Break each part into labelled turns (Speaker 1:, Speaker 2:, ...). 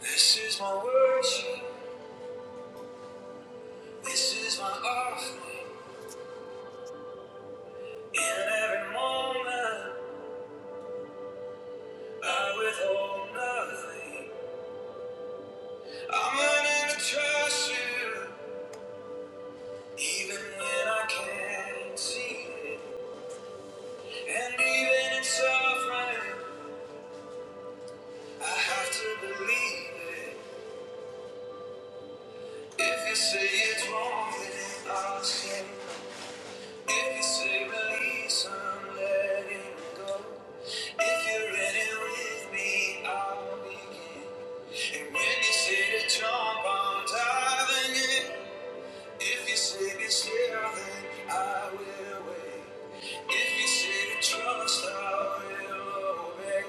Speaker 1: This is my worship, this is my offering. In every moment, I withhold nothing. I'm learning to trust you, even when I can't see it. And even in suffering, I have to believe it. If you say it's wrong, then I'll say If you say release, I'm letting go. If you're in it with me, I'll begin. And when you say to jump, I'm diving in. If you say be still, then I will wait. If you say to trust, I will obey.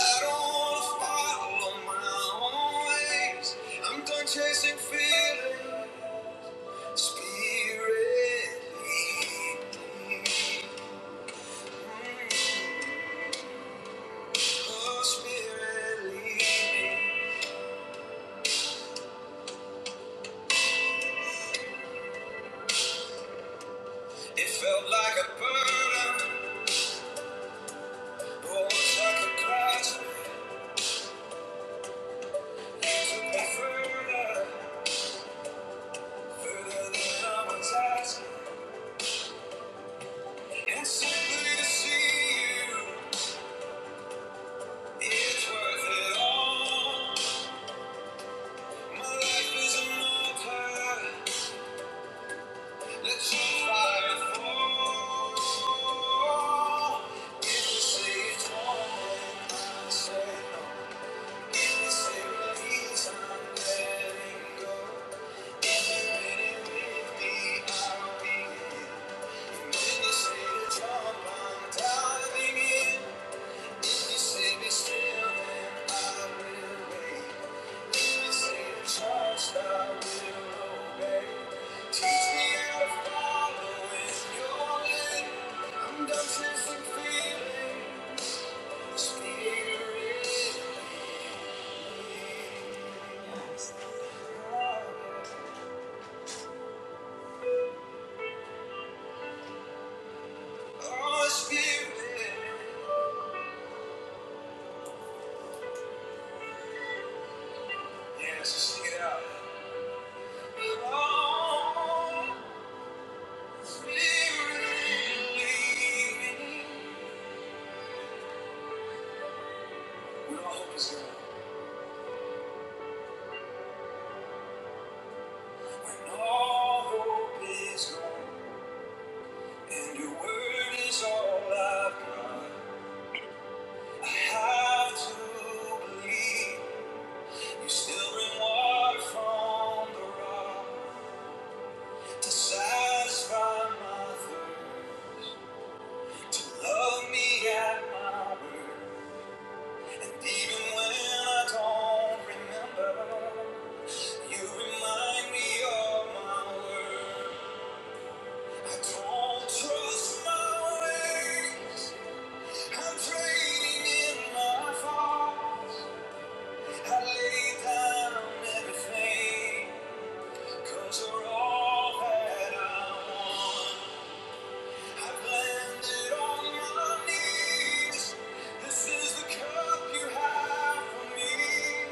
Speaker 1: I don't wanna follow my own ways. I'm done chasing feelings. Spirit, lead me. Oh, It felt like a burden, oh, it was like a crash. took me further, further than I was asking. And simply to see you, it's worth it all. My life is an altar. Let your fire fall. If you say it's wrong, say no. I'm dancing, feeling spirit. Oh, Spirit. yeah, let's just sing it out. Oh, Spirit, lead me. When all hope is gone. When all hope is gone. And your word is all I've got. I have to believe. You still bring water from the rock. To satisfy my thirst. To love me at my word. Even when I don't remember, you remind me of my word. I don't trust my ways. I'm trading in my faults. I lay down everything, you you're all that I want. I've landed on my knees. This is the cup you have for me.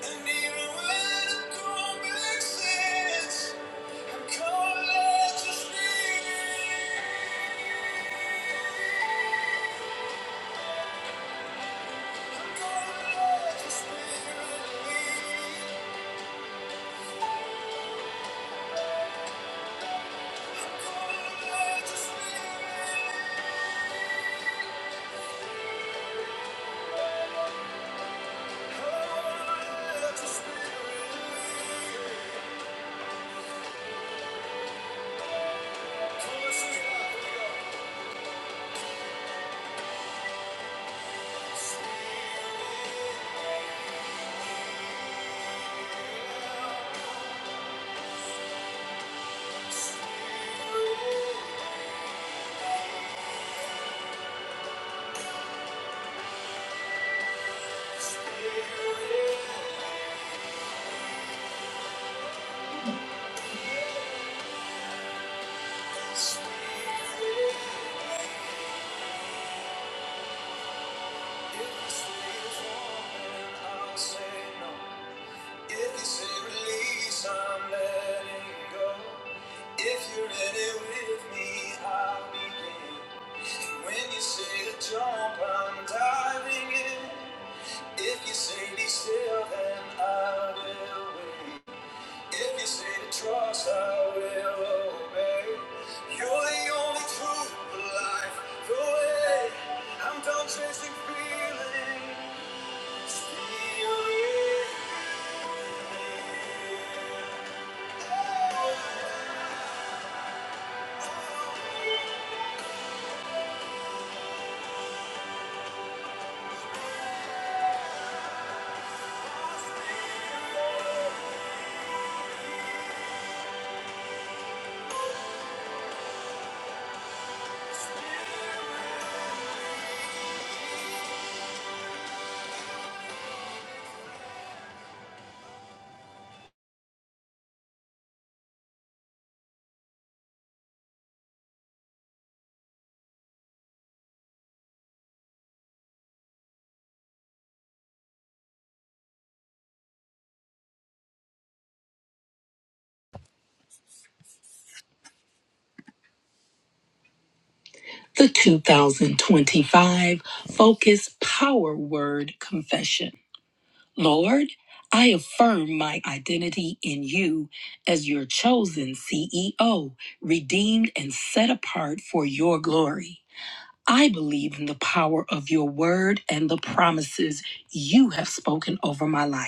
Speaker 1: And even when it don't make sense, I'm gonna let your spirit, I'm gonna let your spirit I'm gonna let your spirit, I'm gonna let your spirit lead. Come on, sing it out, here say no. If you say release, I'm letting go. If you're in it with me, I'll begin. And When you say to jump, I'm diving in. If you say be still, then I will wait. If you say to trust, I will obey. You're the only truth, the life, the way. I'm done chasing feelings. Feel it.
Speaker 2: The 2025 Focus Power Word Confession. Lord, I affirm my identity in you as your chosen CEO, redeemed and set apart for your glory. I believe in the power of your word and the promises you have spoken over my life.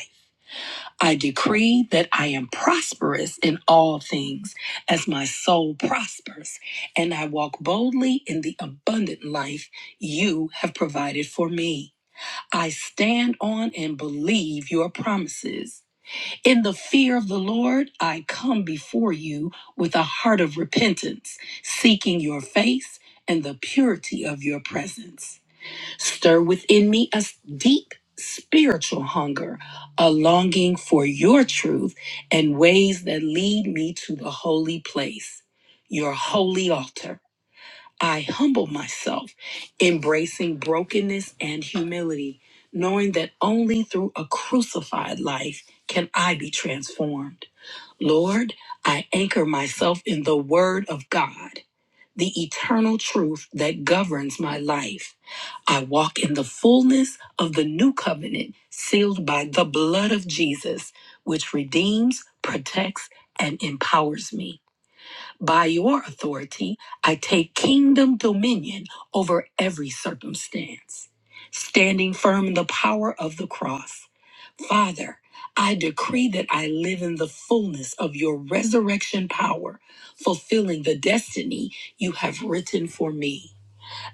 Speaker 2: I decree that I am prosperous in all things as my soul prospers, and I walk boldly in the abundant life you have provided for me. I stand on and believe your promises. In the fear of the Lord, I come before you with a heart of repentance, seeking your face and the purity of your presence. Stir within me a s- deep spiritual hunger, a longing for your truth and ways that lead me to the holy place, your holy altar. I humble myself, embracing brokenness and humility, knowing that only through a crucified life can I be transformed. Lord, I anchor myself in the Word of God the eternal truth that governs my life. I walk in the fullness of the new covenant sealed by the blood of Jesus, which redeems, protects, and empowers me. By your authority, I take kingdom dominion over every circumstance, standing firm in the power of the cross. Father, I decree that I live in the fullness of your resurrection power, fulfilling the destiny you have written for me.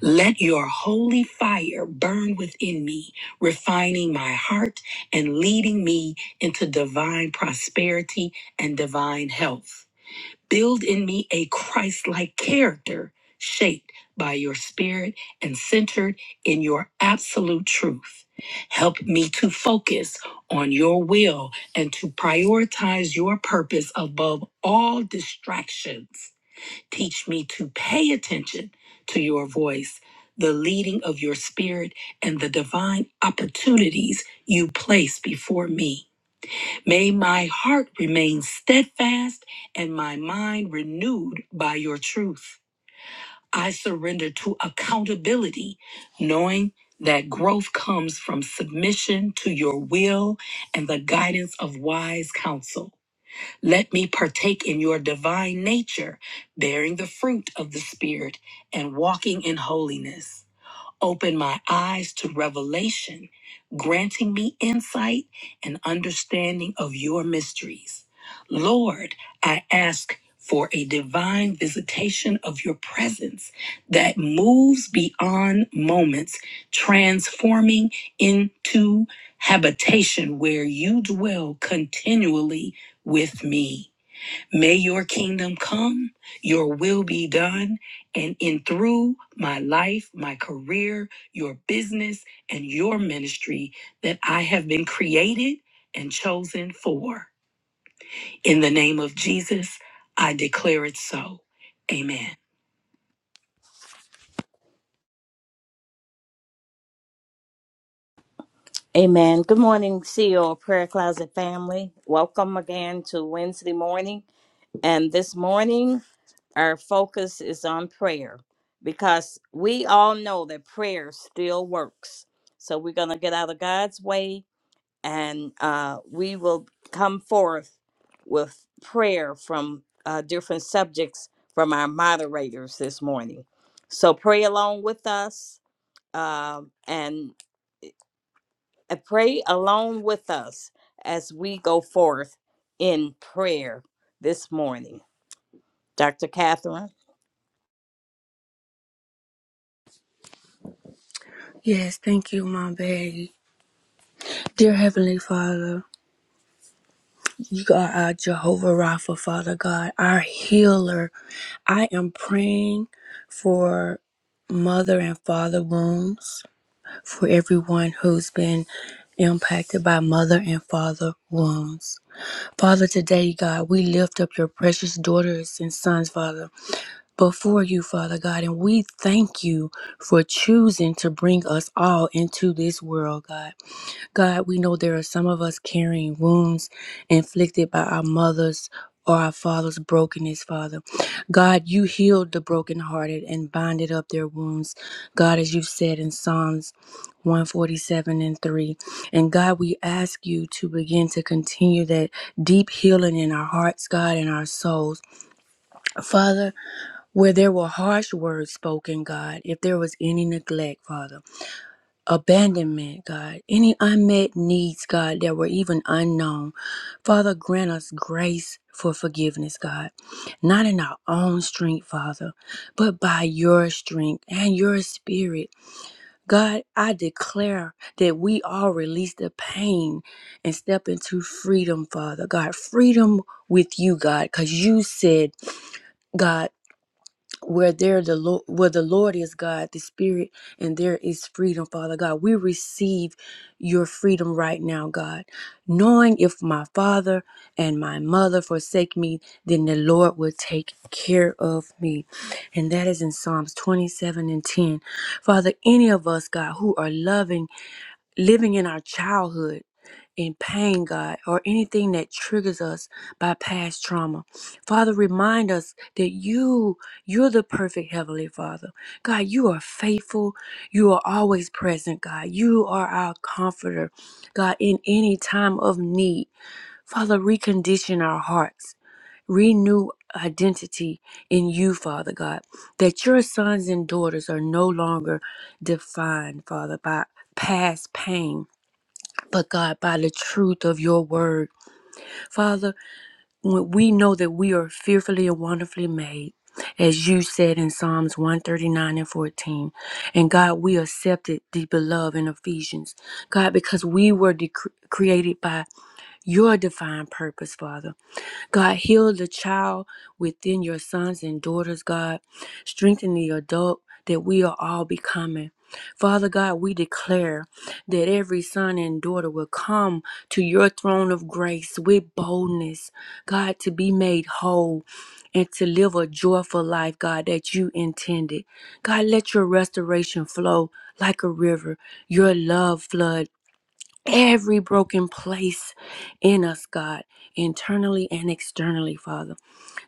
Speaker 2: Let your holy fire burn within me, refining my heart and leading me into divine prosperity and divine health. Build in me a Christ like character shaped by your spirit and centered in your absolute truth. Help me to focus on your will and to prioritize your purpose above all distractions. Teach me to pay attention to your voice, the leading of your spirit, and the divine opportunities you place before me. May my heart remain steadfast and my mind renewed by your truth. I surrender to accountability, knowing that growth comes from submission to your will and the guidance of wise counsel. Let me partake in your divine nature, bearing the fruit of the Spirit and walking in holiness. Open my eyes to revelation, granting me insight and understanding of your mysteries. Lord, I ask for a divine visitation of your presence that moves beyond moments, transforming into habitation where you dwell continually with me. May your kingdom come, your will be done, and in through my life, my career, your business, and your ministry that I have been created and chosen for. In the name of Jesus, I declare it so. Amen.
Speaker 3: Amen. Good morning, CEO Prayer Closet family. Welcome again to Wednesday morning. And this morning, our focus is on prayer because we all know that prayer still works. So we're going to get out of God's way and uh, we will come forth with prayer from uh, different subjects from our moderators this morning. So pray along with us. um, and and pray along with us as we go forth in prayer this morning. Dr. Catherine.
Speaker 2: Yes, thank you, my baby. Dear Heavenly Father, you are our Jehovah Rapha, Father God, our healer. I am praying for mother and father wounds. for everyone who's been impacted by mother and father wounds. Father, today, God, we lift up your precious daughters and sons, Father, before you, Father God, and we thank you for choosing to bring us all into this world, God. God, we know there are some of us carrying wounds inflicted by our mothers or our father's brokenness, Father. God, you healed the brokenhearted and binded up their wounds, God, as you've said in Psalms 147 and 3. And God, we ask you to begin to continue that deep healing in our hearts, God, and our souls. Father, where there were harsh words spoken, God, if there was any neglect, Father abandonment, God, any unmet needs, God, that were even unknown. Father, grant us grace for forgiveness, God, not in our own strength, Father, but by your strength and your spirit. God, I declare that we all release the pain and step into freedom, Father. God, freedom with you, God, because you said, God where there the Lord, where the Lord is God, the Spirit, and there is freedom, Father God. We receive your freedom right now, God. Knowing if my father and my mother forsake me, then the Lord will take care of me. And that is in Psalms 27 and 10. Father, any of us, God, who are loving living in our childhood in pain, God, or anything that triggers us by past trauma. Father, remind us that you, you're the perfect Heavenly Father. God, you are faithful. You are always present, God. You are our comforter, God, in any time of need. Father, recondition our hearts. Renew identity in you, Father God, that your sons and daughters are no longer defined, Father, by past pain but God, by the truth of your word. Father, when we know that we are fearfully and wonderfully made, as you said in Psalms 139 and 14. And God, we accepted the beloved in Ephesians. God, because we were de- created by your divine purpose, Father. God, heal the child within your sons and daughters, God. Strengthen the adult that we are all becoming. Father God, we declare that every son and daughter will come to your throne of grace with boldness, God, to be made whole and to live a joyful life, God, that you intended. God, let your restoration flow like a river, your love flood every broken place in us, God, internally and externally, Father.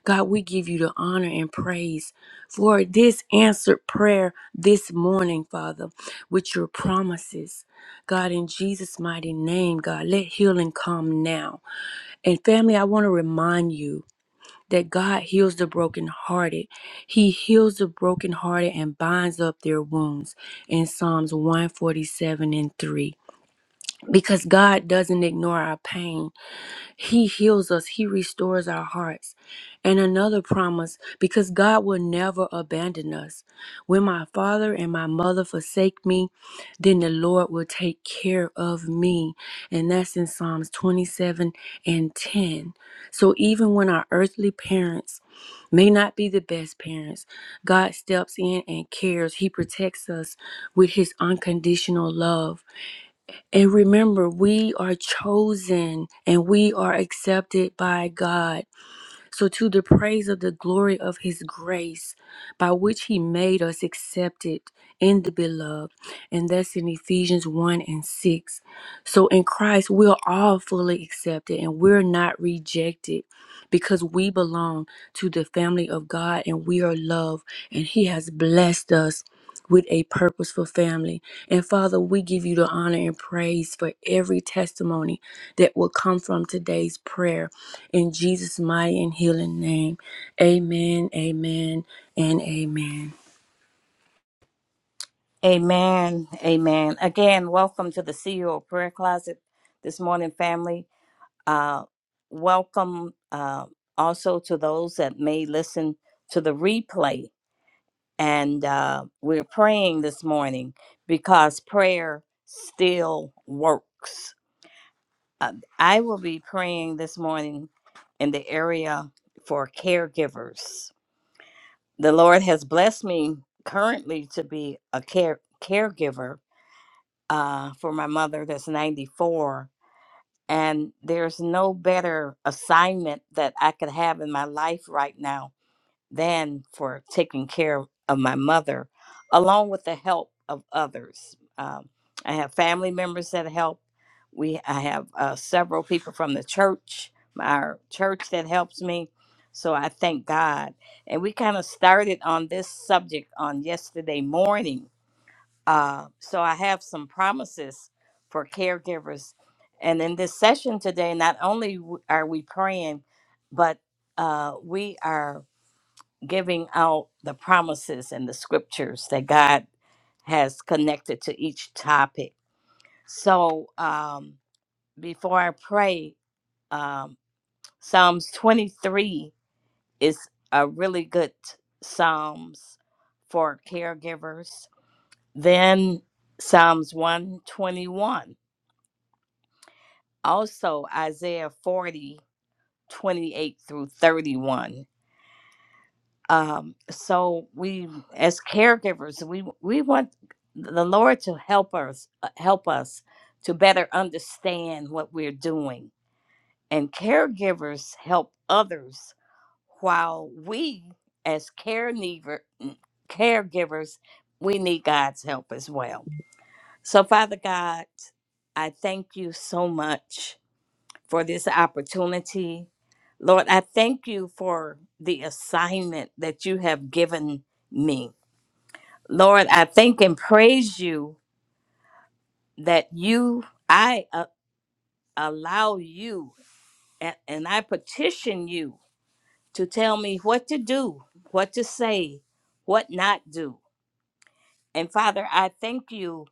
Speaker 2: God, we give you the honor and praise for this answered prayer this morning, Father, with your promises. God, in Jesus' mighty name, God, let healing come now. And family, I want to remind you that God heals the brokenhearted. He heals the brokenhearted and binds up their wounds in Psalms 147 and 3 because God doesn't ignore our pain. He heals us, He restores our hearts. And another promise because God will never abandon us. When my father and my mother forsake me, then the Lord will take care of me. And that's in Psalms 27 and 10. So even when our earthly parents may not be the best parents, God steps in and cares. He protects us with His unconditional love. And remember, we are chosen and we are accepted by God. So, to the praise of the glory of his grace, by which he made us accepted in the beloved. And that's in Ephesians 1 and 6. So, in Christ, we're all fully accepted and we're not rejected because we belong to the family of God and we are loved. And he has blessed us with a purposeful family. And Father, we give you the honor and praise for every testimony that will come from today's prayer. In Jesus' mighty and healing name, amen, amen, and amen.
Speaker 3: Amen. Amen. Again, welcome to the CEO Prayer Closet this morning, family. Uh, welcome uh, also to those that may listen to the replay. And uh, we're praying this morning because prayer still works. uh, I will be praying this morning in the area for caregivers. The Lord has blessed me currently to be a care caregiver uh, for my mother that's 94. And there's no better assignment that I could have in my life right now than for taking care of my mother, along with the help of others. Um, I have family members that help. We I have uh, several people from the church, our church that helps me. So I thank God. And we kind of started on this subject on yesterday morning. Uh, so I have some promises for caregivers. And in this session today, not only w- are we praying, but uh, we are giving out the promises and the scriptures that God has connected to each topic. So um, before I pray, um, Psalms 23 is a really good Psalms for caregivers. Then Psalms 121, also Isaiah 40:28 through 31. um so we as caregivers we we want the lord to help us uh, help us to better understand what we're doing and caregivers help others while we as caregiver mm, caregivers we need god's help as well so father god i thank you so much for this opportunity. Lord, I thank you for the assignment that you have given me. Lord, I thank and praise you that you, I uh, allow you and, and I petition you to tell me what to do, what to say, what not do. And Father, I thank you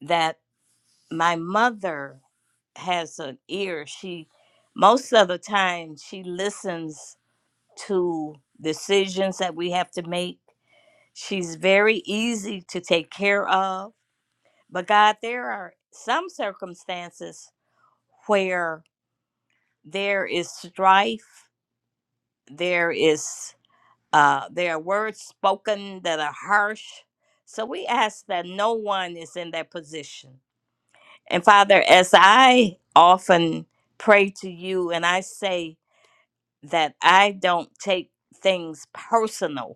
Speaker 3: that my mother has an ear. She, most of the time, she listens to decisions that we have to make. She's very easy to take care of. But God, there are some circumstances where there is strife, there is uh, there are words spoken that are harsh. So we ask that no one is in that position. And Father, as I often pray to you and I say that I don't take things personal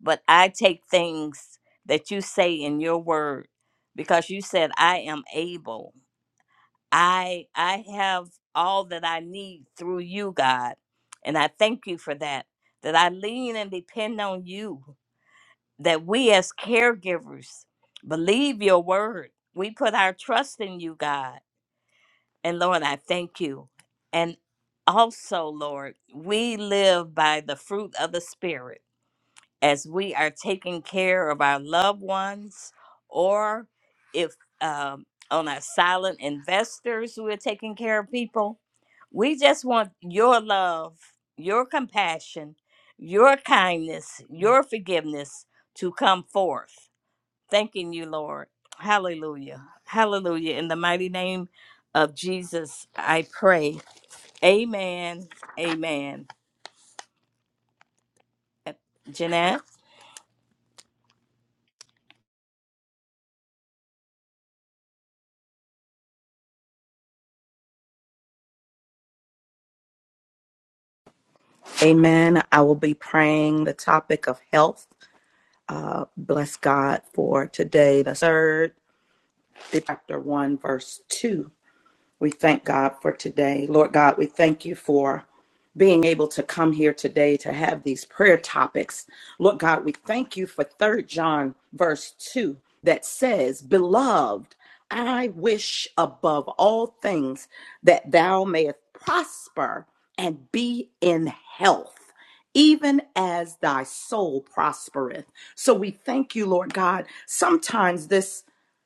Speaker 3: but I take things that you say in your word because you said I am able. I I have all that I need through you, God. And I thank you for that. That I lean and depend on you. That we as caregivers believe your word. We put our trust in you, God. And Lord, I thank you. And also, Lord, we live by the fruit of the Spirit as we are taking care of our loved ones, or if um, on our silent investors who are taking care of people. We just want your love, your compassion, your kindness, your forgiveness to come forth. Thanking you, Lord. Hallelujah. Hallelujah. In the mighty name of Jesus, I pray. Amen. Amen. Uh, Jeanette?
Speaker 1: Amen. I will be praying the topic of health. Uh, bless God for today, the third, chapter 1, verse 2. We thank God for today. Lord God, we thank you for being able to come here today to have these prayer topics. Lord God, we thank you for Third John verse 2 that says, Beloved, I wish above all things that thou mayest prosper and be in health. Even as thy soul prospereth. So we thank you, Lord God. Sometimes this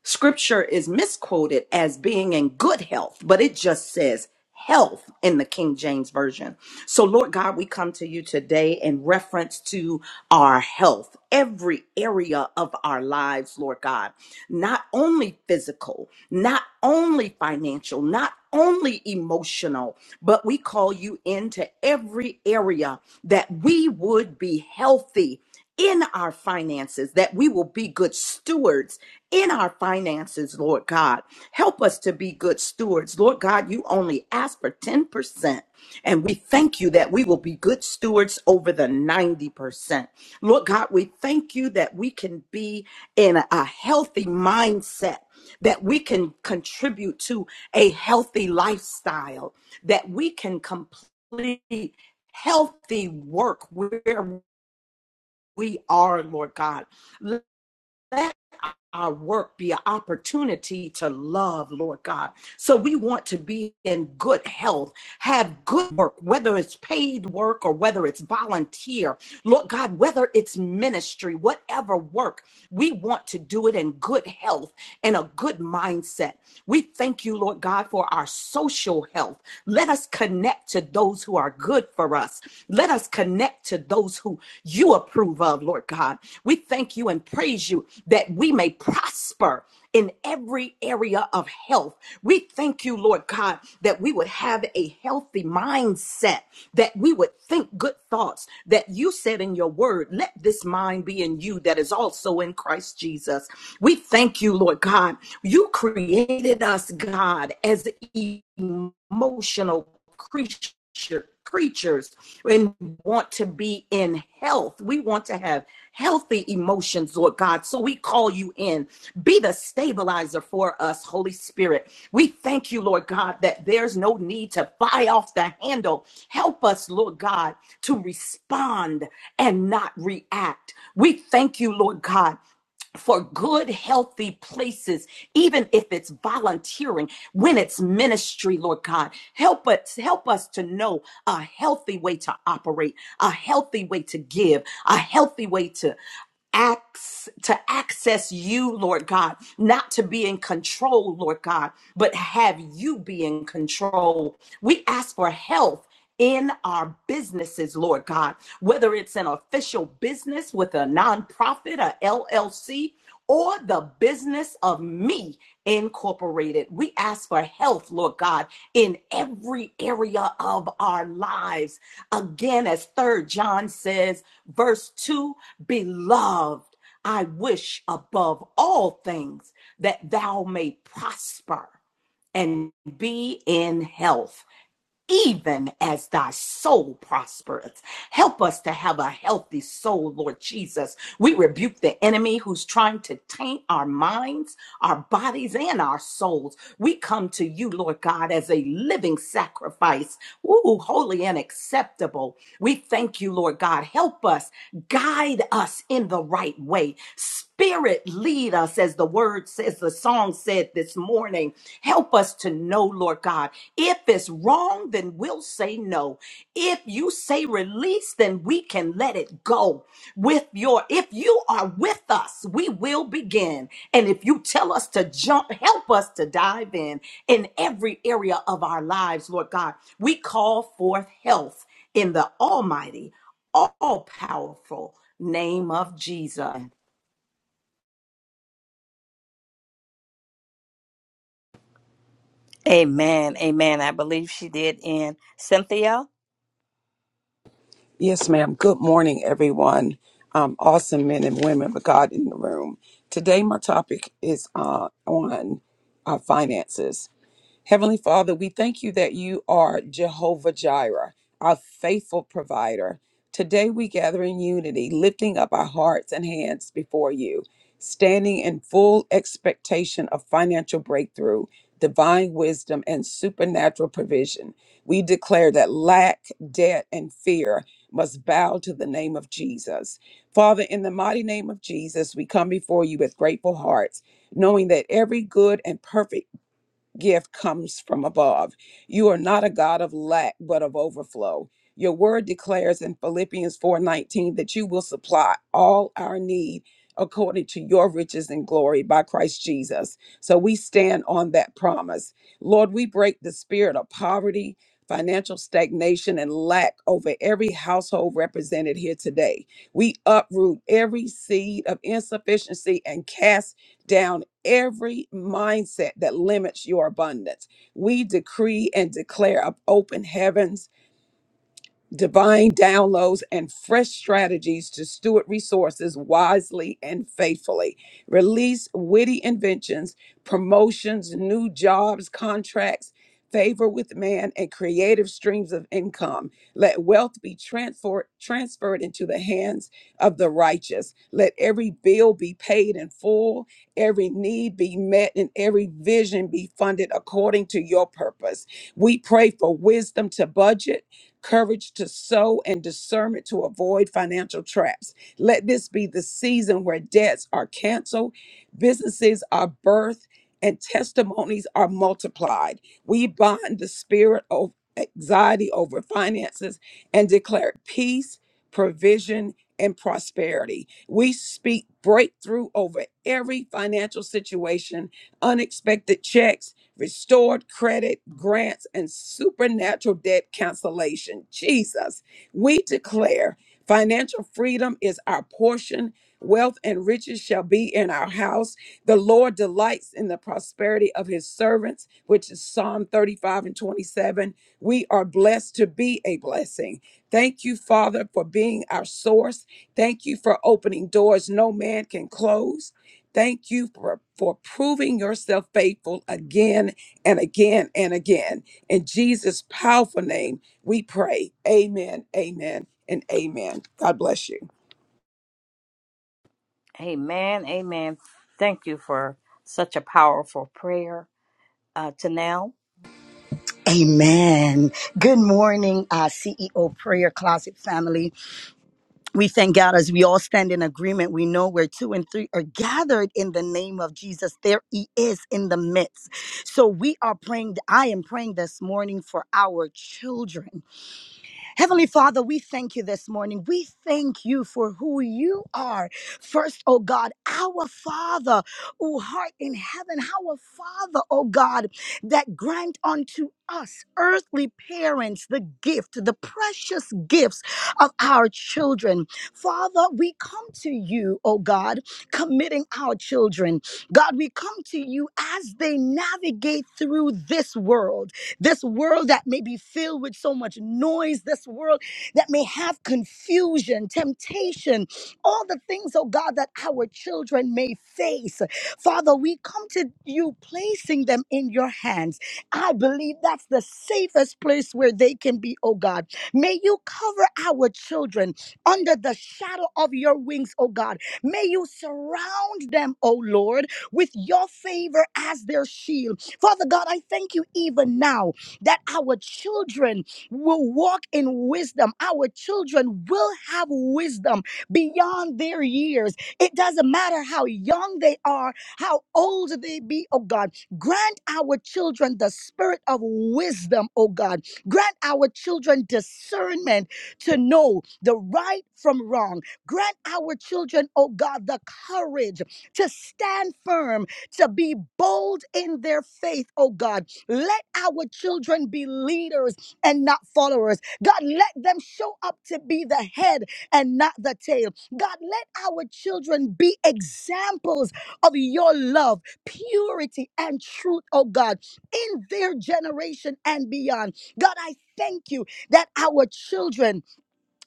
Speaker 1: Scripture is misquoted as being in good health, but it just says health in the King James Version. So, Lord God, we come to you today in reference to our health, every area of our lives, Lord God, not only physical, not only financial, not only emotional, but we call you into every area that we would be healthy in our finances, that we will be good stewards in our finances, Lord God. Help us to be good stewards. Lord God, you only ask for 10%. And we thank you that we will be good stewards over the 90%. Lord God, we thank you that we can be in a healthy mindset, that we can contribute to a healthy lifestyle, that we can complete healthy work where we are, Lord God. Let our work be an opportunity to love, Lord God. So we want to be in good health, have good work, whether it's paid work or whether it's volunteer, Lord God, whether it's ministry, whatever work, we want to do it in good health and a good mindset. We thank you, Lord God, for our social health. Let us connect to to those who are good for us. Let us connect to those who you approve of, Lord God. We thank you and praise you that we may prosper in every area of health. We thank you, Lord God, that we would have a healthy mindset, that we would think good thoughts, that you said in your word, let this mind be in you that is also in Christ Jesus. We thank you, Lord God. You created us, God, as emotional creature creatures and want to be in health. We want to have healthy emotions, Lord God. So we call you in. Be the stabilizer for us, Holy Spirit. We thank you, Lord God, that there's no need to fly off the handle. Help us, Lord God, to respond and not react. We thank you, Lord God, for good, healthy places, even if it's volunteering, when it's ministry, Lord God. Help us, help us to know a healthy way to operate, a healthy way to give, a healthy way to acts to access you lord god not to be in control lord god but have you be in control we ask for health in our businesses, Lord God, whether it's an official business with a nonprofit, a LLC, or the business of me incorporated. We ask for health, Lord God, in every area of our lives. Again, as Third John says, verse 2 Beloved, I wish above all things that thou may prosper and be in health even as thy soul prospereth. Help us to have a healthy soul, Lord Jesus. We rebuke the enemy who's trying to taint our minds, our bodies, and our souls. We come to you, Lord God, as a living sacrifice, ooh, holy and acceptable. We thank you, Lord God. Help us, guide us in the right way. Spirit, lead us, as the word says, the song said this morning. Help us to know, Lord God. If it's wrong, then we'll say no. If you say release, then we can let it go. With your, if you are with us, we will begin. And if you tell us to jump, help us to dive in in every area of our lives, Lord God. We call forth health in the almighty, all powerful name of Jesus.
Speaker 3: Amen. Amen. I believe she did in Cynthia.
Speaker 4: Yes, ma'am. Good morning, everyone. Um, awesome men and women of God in the room. Today, my topic is uh, on uh, finances. Heavenly Father, we thank you that you are Jehovah Jireh, our faithful provider. Today we gather in unity, lifting up our hearts and hands before you, standing in full expectation of financial breakthrough, divine wisdom, and supernatural provision. We declare that lack, debt, and fear must bow to the name of Jesus. Father, in the mighty name of Jesus, we come before you with grateful hearts, knowing that every good and perfect gift comes from above. You are not a God of lack, but of overflow. Your word declares in Philippians 4:19 that you will supply all our need according to your riches and glory by Christ Jesus. So we stand on that promise. Lord, we break the spirit of poverty, financial stagnation and lack over every household represented here today. We uproot every seed of insufficiency and cast down every mindset that limits your abundance. We decree and declare up open heavens divine downloads, and fresh strategies to steward resources wisely and faithfully. Release witty inventions, promotions, new jobs, contracts, favor with man, and creative streams of income. Let wealth be transfer- transferred into the hands of the righteous. Let every bill be paid in full, every need be met, and every vision be funded according to your purpose. We pray for wisdom to budget courage to sow, and discernment to avoid financial traps. Let this be the season where debts are canceled, businesses are birthed, and testimonies are multiplied. We bind the spirit of anxiety over finances and declare peace, provision, and prosperity. We speak breakthrough over every financial situation, unexpected checks restored credit, grants, and supernatural debt cancellation. Jesus, we declare financial freedom is our portion. Wealth and riches shall be in our house. The Lord delights in the prosperity of his servants, which is Psalm 35 and 27. We are blessed to be a blessing. Thank you, Father, for being our source. Thank you for opening doors no man can close. Thank you for, for proving yourself faithful again and again and again. In Jesus' powerful name, we pray. Amen, amen, and amen. God bless you.
Speaker 3: Amen. Amen. Thank you for such a powerful prayer, uh, Tanel.
Speaker 5: Amen. Good morning, uh, CEO Prayer Closet family. We thank God as we all stand in agreement. We know where two and three are gathered in the name of Jesus. There He is in the midst. So we are praying. I am praying this morning for our children. Heavenly Father, we thank you this morning. We thank you for who you are. First, oh God, our Father, who heart in heaven, our Father, oh God, that grant unto us, earthly parents, the gift, the precious gifts of our children. Father, we come to you, oh God, committing our children. God, we come to you as they navigate through this world. This world that may be filled with so much noise, this world that may have confusion, temptation, all the things, oh God, that our children may face. Father, we come to you placing them in your hands. I believe that's the safest place where they can be, oh God. May you cover our children under the shadow of your wings, oh God. May you surround them, oh Lord, with your favor as their shield. Father God, I thank you even now that our children will walk in wisdom. Our children will have wisdom beyond their years. It doesn't matter how young they are, how old they be, oh God. Grant our children the spirit of wisdom, oh God. Grant our children discernment to know the right from wrong. Grant our children, oh God, the courage to stand firm, to be bold in their faith, oh God let our children be leaders and not followers. God, let them show up to be the head and not the tail. God, let our children be examples of your love, purity, and truth, oh God, in their generation and beyond. God, I thank you that our children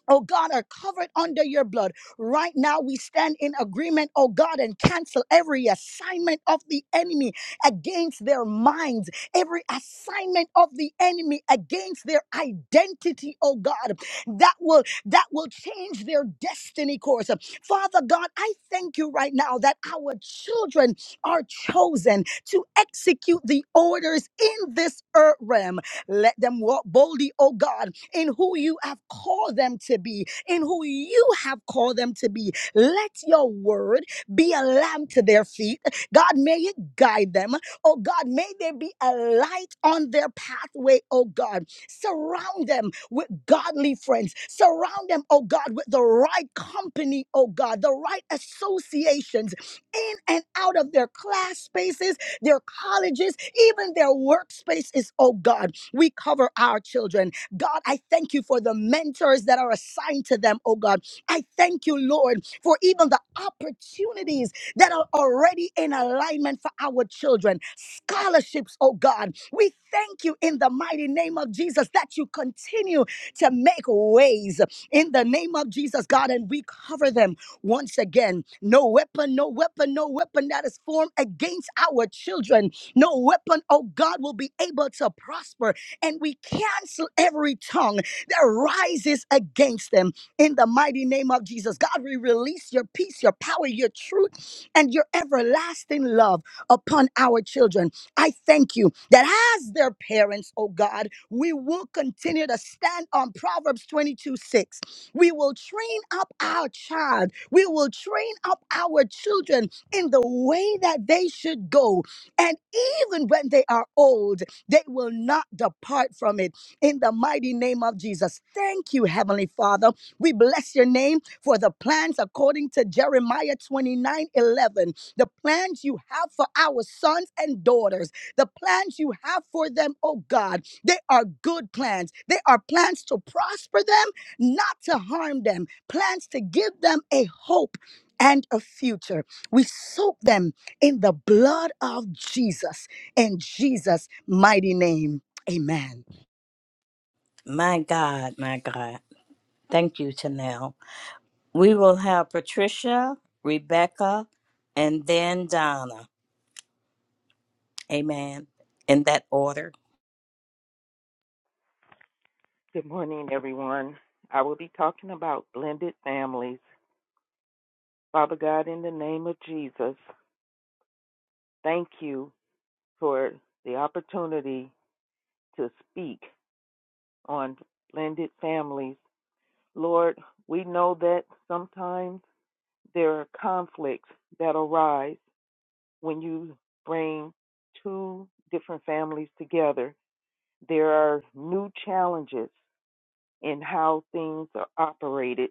Speaker 5: oh God, are covered under your blood. Right now, we stand in agreement, oh God, and cancel every assignment of the enemy against their minds, every assignment of the enemy against their identity, oh God, that will that will change their destiny course. Father God, I thank you right now that our children are chosen to execute the orders in this earth realm. Let them walk boldly, oh God, in who you have called them to be, in who you have called them to be. Let your word be a lamp to their feet. God, may it guide them. Oh God, may there be a light on their pathway, oh God. Surround them with godly friends. Surround them, oh God, with the right company, oh God, the right associations in and out of their class spaces, their colleges, even their workspaces, oh God. We cover our children. God, I thank you for the mentors that are assigned to them, oh God. I thank you, Lord, for even the opportunities that are already in alignment for our children. Scholarships, oh God. We thank you in the mighty name of Jesus that you continue to make ways in the name of Jesus, God, and we cover them once again. No weapon, no weapon, no weapon that is formed against our children. No weapon, oh God, will be able to prosper and we cancel every tongue that rises against them in the mighty name of Jesus. God, we release your peace, your power, your truth, and your everlasting love upon our children. I thank you that as their parents, oh God, we will continue to stand on Proverbs 22 6. We will train up our child, we will train up our children in the way that they should go. And even when they are old, they will not depart from it in the mighty name of Jesus. Thank you, Heavenly Father. We bless your name for the plans according to Jeremiah 29, 11. The plans you have for our sons and daughters, the plans you have for them, oh God, they are good plans. They are plans to prosper them, not to harm them, plans to give them a hope. And a future. We soak them in the blood of Jesus. In Jesus' mighty name, amen.
Speaker 3: My God, my God. Thank you, Tanel. We will have Patricia, Rebecca, and then Donna. Amen. In that order.
Speaker 6: Good morning, everyone. I will be talking about blended families. Father God, in the name of Jesus, thank you for the opportunity to speak on blended families. Lord, we know that sometimes there are conflicts that arise when you bring two different families together. There are new challenges in how things are operated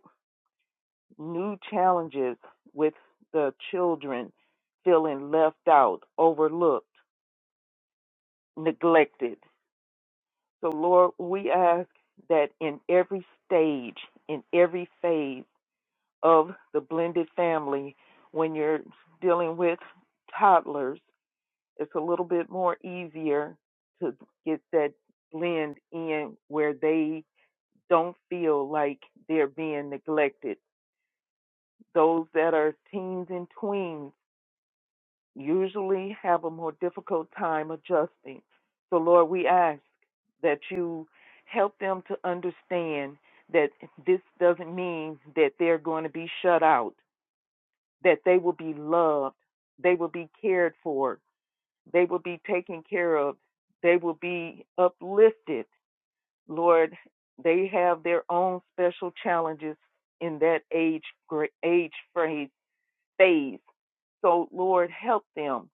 Speaker 6: new challenges with the children feeling left out, overlooked, neglected. So, Lord, we ask that in every stage, in every phase of the blended family, when you're dealing with toddlers, it's a little bit more easier to get that blend in where they don't feel like they're being neglected. Those that are teens and tweens usually have a more difficult time adjusting. So, Lord, we ask that you help them to understand that this doesn't mean that they're going to be shut out, that they will be loved, they will be cared for, they will be taken care of, they will be uplifted. Lord, they have their own special challenges in that age gra- age phrase phase. So, Lord, help them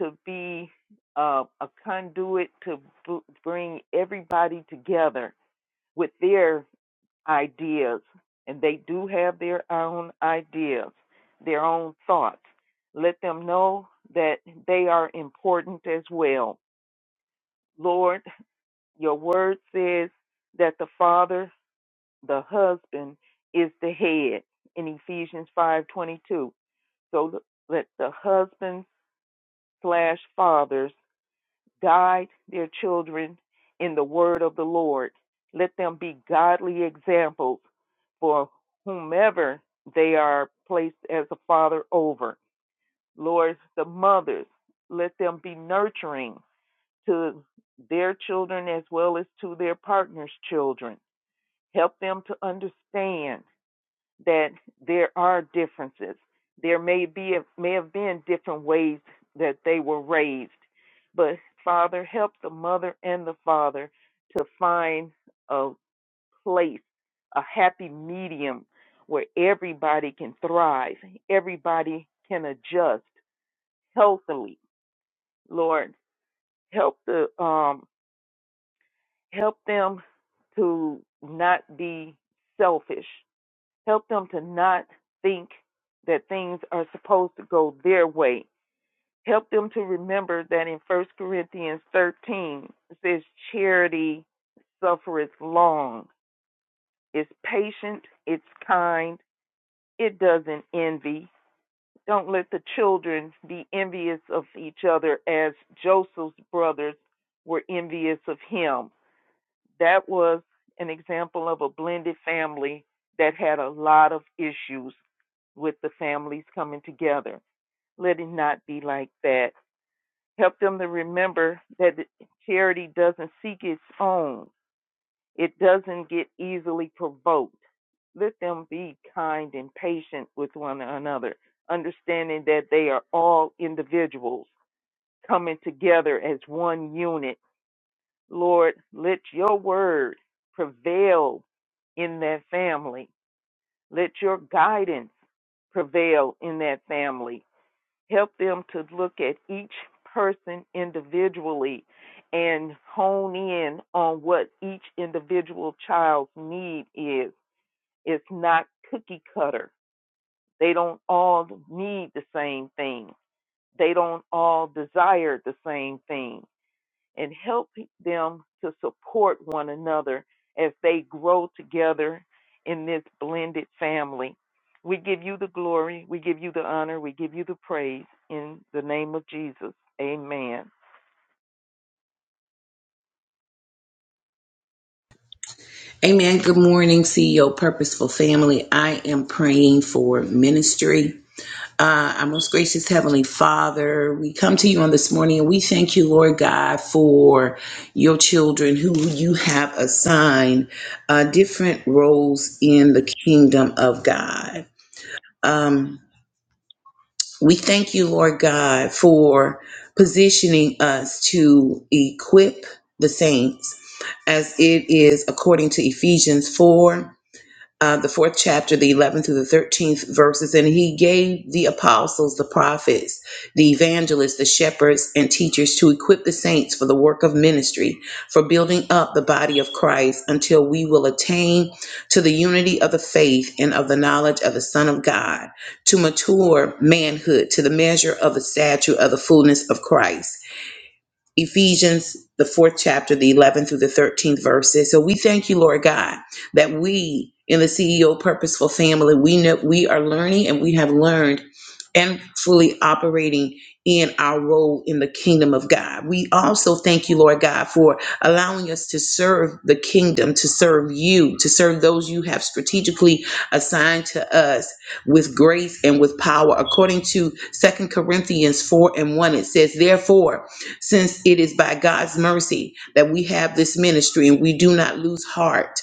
Speaker 6: to be uh, a conduit to b- bring everybody together with their ideas, and they do have their own ideas, their own thoughts. Let them know that they are important as well. Lord, your word says that the father, the husband, is the head in Ephesians 5:22. So let the husbands slash fathers Guide their children in the word of the Lord. Let them be godly examples for whomever they are placed as a father over. Lord, the mothers, let them be nurturing to their children as well as to their partner's children. Help them to understand that there are differences. There may be may have been different ways that they were raised, but Father, help the mother and the father to find a place, a happy medium where everybody can thrive, everybody can adjust healthily. Lord, help the um, help them to not be selfish Help them to not think that things are supposed to go their way. Help them to remember that in First Corinthians 13, it says, Charity suffereth long, is patient, it's kind, it doesn't envy. Don't let the children be envious of each other as Joseph's brothers were envious of him that was an example of a blended family that had a lot of issues with the families coming together. Let it not be like that. Help them to remember that charity doesn't seek its own, it doesn't get easily provoked. Let them be kind and patient with one another, understanding that they are all individuals coming together as one unit Lord, let your word prevail in that family. Let your guidance prevail in that family. Help them to look at each person individually and hone in on what each individual child's need is. It's not cookie cutter. They don't all need the same thing. They don't all desire the same thing. and help them to support one another as they grow together in this blended family. We give you the glory, we give you the honor, we give you the praise in the name of Jesus. Amen.
Speaker 7: Amen. Good morning, CEO Purposeful Family. I am praying for ministry. Uh, our most gracious Heavenly Father, we come to you on this morning and we thank you, Lord God, for your children who you have assigned uh, different roles in the kingdom of God. Um, we thank you, Lord God, for positioning us to equip the saints as it is according to Ephesians 4 uh, the fourth chapter, the 11th through the 13th verses, and he gave the apostles, the prophets, the evangelists, the shepherds, and teachers to equip the saints for the work of ministry, for building up the body of Christ until we will attain to the unity of the faith and of the knowledge of the Son of God, to mature manhood, to the measure of the stature of the fullness of Christ Ephesians, the fourth chapter, the 11th through the 13th verses. So we thank you, Lord God, that we in the CEO Purposeful Family, we know we are learning and we have learned and fully operating in our role in the kingdom of God. We also thank you, Lord God, for allowing us to serve the kingdom, to serve you, to serve those you have strategically assigned to us with grace and with power. According to Second Corinthians 4 and 1, it says, Therefore, since it is by God's mercy that we have this ministry and we do not lose heart.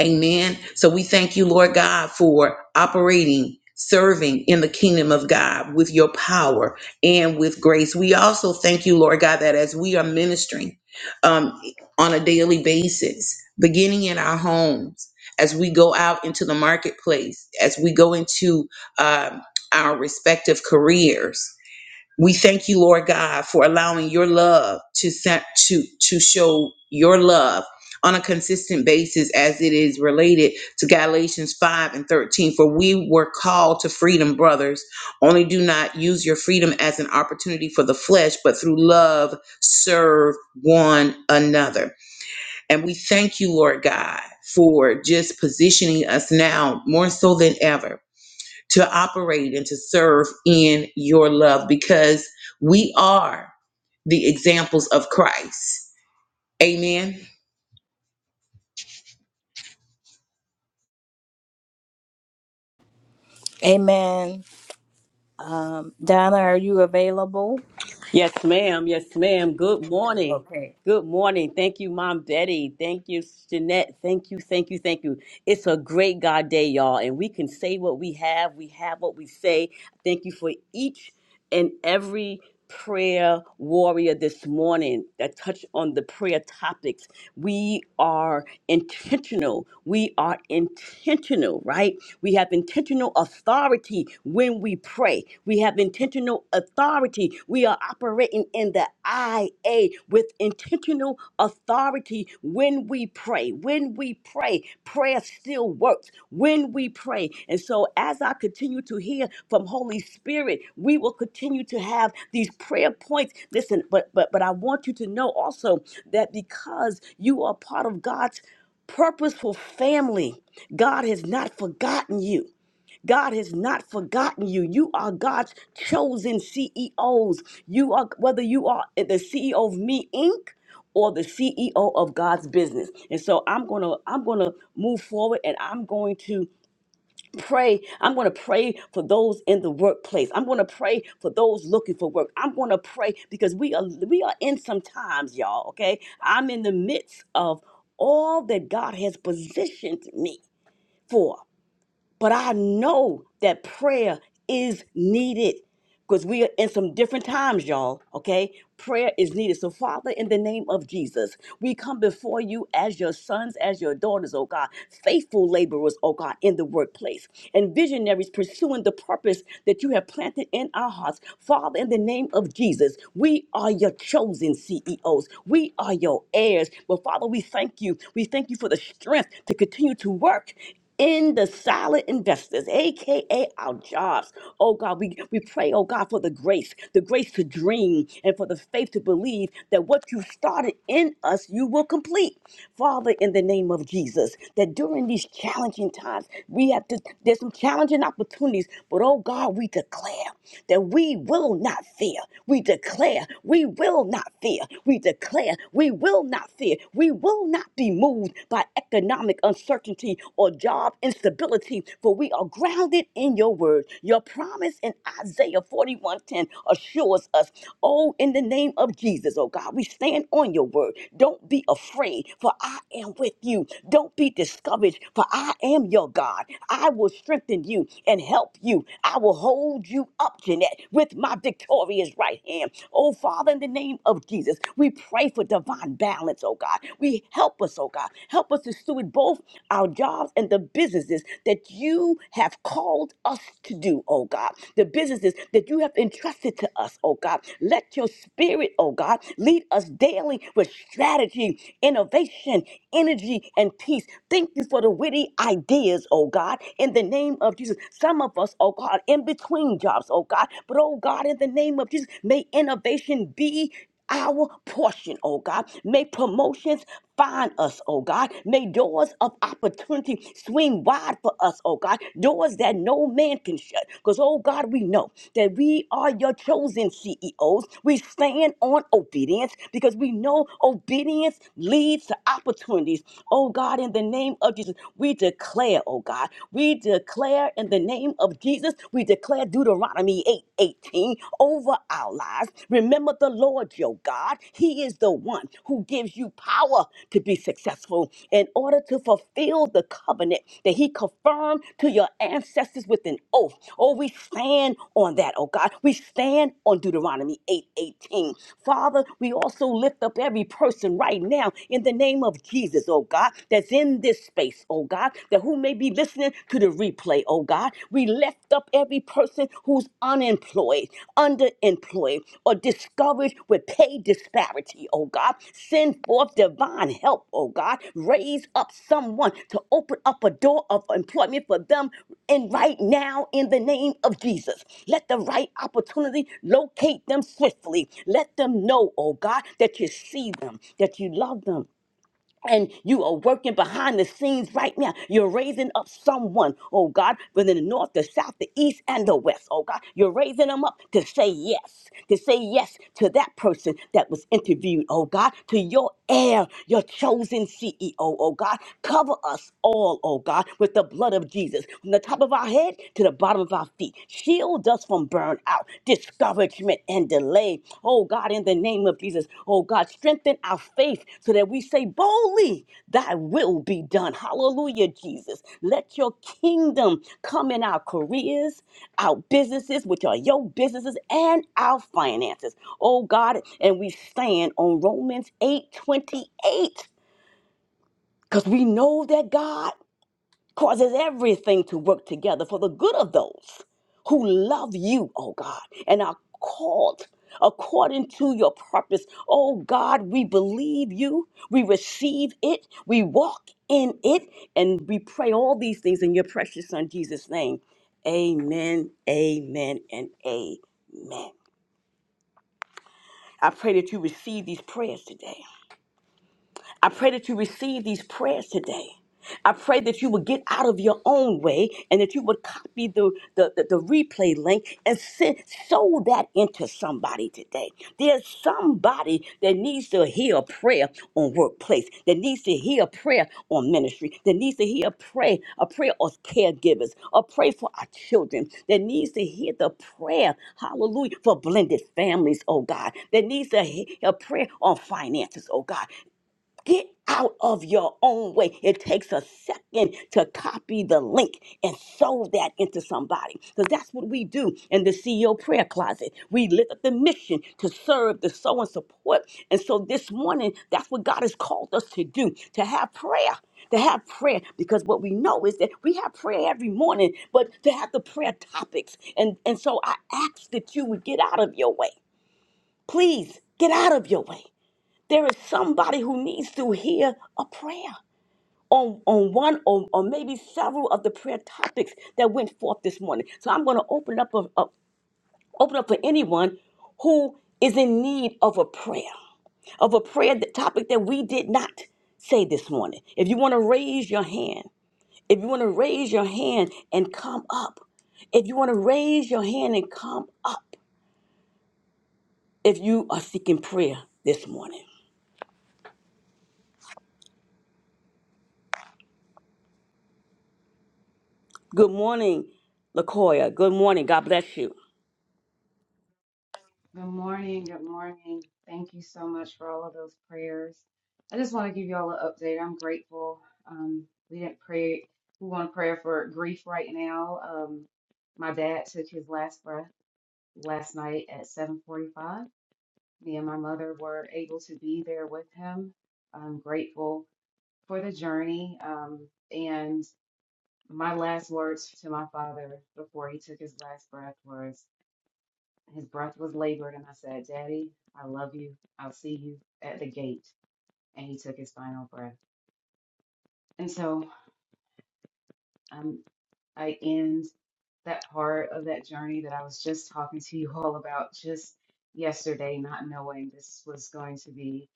Speaker 7: Amen. So we thank you, Lord God, for operating, serving in the kingdom of God with your power and with grace. We also thank you, Lord God, that as we are ministering um, on a daily basis, beginning in our homes, as we go out into the marketplace, as we go into um our respective careers, we thank you, Lord God, for allowing your love to sent to to show your love on a consistent basis as it is related to Galatians 5 and 13. For we were called to freedom, brothers. Only do not use your freedom as an opportunity for the flesh, but through love serve one another. And we thank you, Lord God, for just positioning us now more so than ever to operate and to serve in your love because we are the examples of Christ. Amen.
Speaker 3: Amen. Um, Donna, are you available?
Speaker 8: Yes, ma'am. Yes, ma'am. Good morning.
Speaker 3: Okay.
Speaker 8: Good morning. Thank you, Mom Betty. Thank you, Jeanette. Thank you, thank you, thank you. It's a great God day, y'all. And we can say what we have. We have what we say. Thank you for each and every prayer warrior this morning that touch on the prayer topics. We are intentional. We are intentional, right? We have intentional authority when we we pray. We have intentional authority. We are operating in the IA with intentional authority when we pray. When we pray, prayer still works when we pray. And so as I continue to hear from Holy Spirit, we will continue to have these prayer points. Listen, but but but I want you to know also that because you are part of God's purposeful family, God has not forgotten you. God has not forgotten you. You are God's chosen CEOs. You are whether you are the CEO of Me Inc. or the CEO of God's business. And so I'm gonna I'm gonna move forward and I'm going to pray. I'm gonna pray for those in the workplace. I'm gonna pray for those looking for work. I'm gonna pray because we are we are in some times, y'all. Okay. I'm in the midst of all that God has positioned me for. But I know that prayer is needed because we are in some different times, y'all. Okay? Prayer is needed. So, Father, in the name of Jesus, we come before you as your sons, as your daughters, oh God, faithful laborers, oh God, in the workplace, and visionaries pursuing the purpose that you have planted in our hearts. Father, in the name of Jesus, we are your chosen CEOs. We are your heirs. But, Father, we thank you. We thank you for the strength to continue to work in the solid investors, aka our jobs. Oh God, we, we pray, oh God, for the grace, the grace to dream and for the faith to believe that what you started in us, you will complete. Father, in the name of Jesus, that during these challenging times, we have to there's some challenging opportunities, but oh God, we declare that we will not fear. We declare we will not fear. We declare we will not fear. We will not not be moved by economic uncertainty or job instability, for we are grounded in your word. Your promise in Isaiah 41:10 assures us, oh, in the name of Jesus, oh God, we stand on your word. Don't be afraid, for I am with you. Don't be discouraged, for I am your God. I will strengthen you and help you. I will hold you up, Jeanette, with my victorious right hand. Oh, Father, in the name of Jesus. Jesus. We pray for divine balance, oh God. We help us, oh God. Help us to steward both our jobs and the businesses that you have called us to do, oh God. The businesses that you have entrusted to us, oh God. Let your spirit, oh God, lead us daily with strategy, innovation, energy, and peace. Thank you for the witty ideas, oh God, in the name of Jesus. Some of us, oh God, in between jobs, oh God, but oh God, in the name of Jesus, may innovation be our portion, oh God. May promotions find us, oh God. May doors of opportunity swing wide for us, oh God. Doors that no man can shut. Because, oh God, we know that we are your chosen CEOs. We stand on obedience because we know obedience leads to opportunities. Oh God, in the name of Jesus, we declare, oh God, we declare in the name of Jesus, we declare Deuteronomy. Deuteronomy 8:18 over our lives. Remember the Lord your God. He is the one who gives you power to be successful in order to fulfill the covenant that he confirmed to your ancestors with an oath. Oh, we stand on that, oh God. We stand on Deuteronomy 8:18. Father, we also lift up every person right now in the name of Jesus, oh God, that's in this space, oh God, that who may be be listening to the replay, oh God. We lift up every person who's unemployed, underemployed, or discouraged with pay disparity, oh God. Send forth divine help, oh God. Raise up someone to open up a door of employment for them and right now in the name of Jesus. Let the right opportunity locate them swiftly. Let them know, oh God, that you see them, that you love them and you are working behind the scenes right now. You're raising up someone, oh God, within the north, the south, the east, and the west, oh God. You're raising them up to say yes, to say yes to that person that was interviewed, oh God, to your heir, your chosen CEO, oh God. Cover us all, oh God, with the blood of Jesus, from the top of our head to the bottom of our feet. Shield us from burnout, discouragement, and delay. Oh God, in the name of Jesus, oh God, strengthen our faith so that we say boldly, Thy will be done. Hallelujah, Jesus. Let your kingdom come in our careers, our businesses, which are your businesses, and our finances. Oh God, and we stand on Romans eight twenty eight because we know that God causes everything to work together for the good of those who love you, oh God, and are called according to your purpose. Oh God, we believe you, we receive it, we walk in it, and we pray all these things in your precious Son, Jesus' name. Amen, amen, and amen. I pray that you receive these prayers today. I pray that you receive these prayers today. I pray that you would get out of your own way and that you would copy the, the, the, the replay link and send, sow that into somebody today. There's somebody that needs to hear a prayer on workplace, that needs to hear a prayer on ministry, that needs to hear a prayer, a prayer of caregivers, a prayer for our children, that needs to hear the prayer, hallelujah, for blended families, oh God, that needs to hear a prayer on finances, oh God. Get out of your own way. It takes a second to copy the link and sew that into somebody. Because that's what we do in the CEO prayer closet. We lift up the mission to serve, to sow, and support. And so this morning, that's what God has called us to do to have prayer. To have prayer, because what we know is that we have prayer every morning, but to have the prayer topics. And, and so I ask that you would get out of your way. Please get out of your way there is somebody who needs to hear a prayer on, on one or, or maybe several of the prayer topics that went forth this morning. So I'm going to open up, a, a- open up for anyone who is in need of a prayer, of a prayer that, topic that we did not say this morning. If you want to raise your hand, if you want to raise your hand and come up, if you want to raise your hand and come up, if you are seeking prayer this morning. Good morning, Lakoya. Good morning. God bless you.
Speaker 9: Good morning. Good morning. Thank you so much for all of those prayers. I just want to give you all an update. I'm grateful. Um, we didn't pray. We want to pray for grief right now. Um, my dad took his last breath last night at 7:45. Me and my mother were able to be there with him. I'm grateful for the journey. Um, and my last words to my father before he took his last breath was. His breath was labored, and I said, Daddy, I love you. I'll see you at the gate. And he took his final breath. And so, um, I end that part of that journey that I was just talking to you all about just yesterday, not knowing this was going to be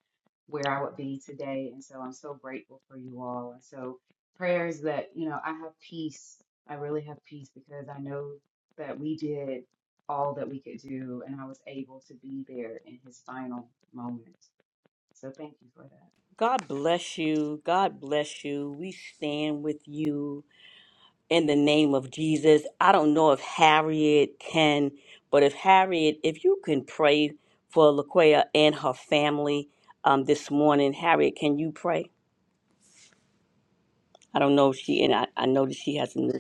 Speaker 9: where I would be today. And so I'm so grateful for you all. And so prayers that, you know, I have peace. I really have peace because I know that we did all that we could do and I was able to be there in his final moment. So thank you for that.
Speaker 8: God bless you. God bless you. We stand with you in the name of Jesus. I don't know if Harriet can, but if Harriet, if you can pray for Lakoya and her family um, this morning, Harriet, can you pray? I don't know if she, and I, I know that she has a.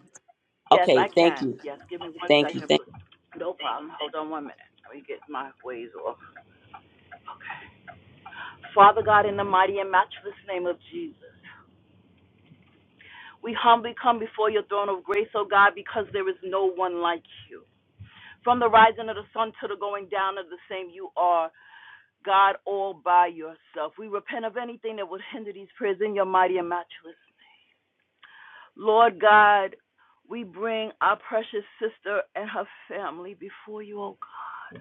Speaker 10: Yes,
Speaker 8: Okay,
Speaker 10: I
Speaker 8: thank
Speaker 10: can.
Speaker 8: you.
Speaker 10: Yes, give me one
Speaker 8: Thank you.
Speaker 10: second,
Speaker 8: Thank
Speaker 10: please. No problem. Hold on one minute. Let me get my ways off. Father God, in the mighty and matchless name of Jesus, we humbly come before your throne of grace, O God, because there is no one like you. From the rising of the sun to the going down of the same, you are God all by yourself. We repent of anything that would hinder these prayers in your mighty and matchless. Lord God, we bring our precious sister and her family before you, O God.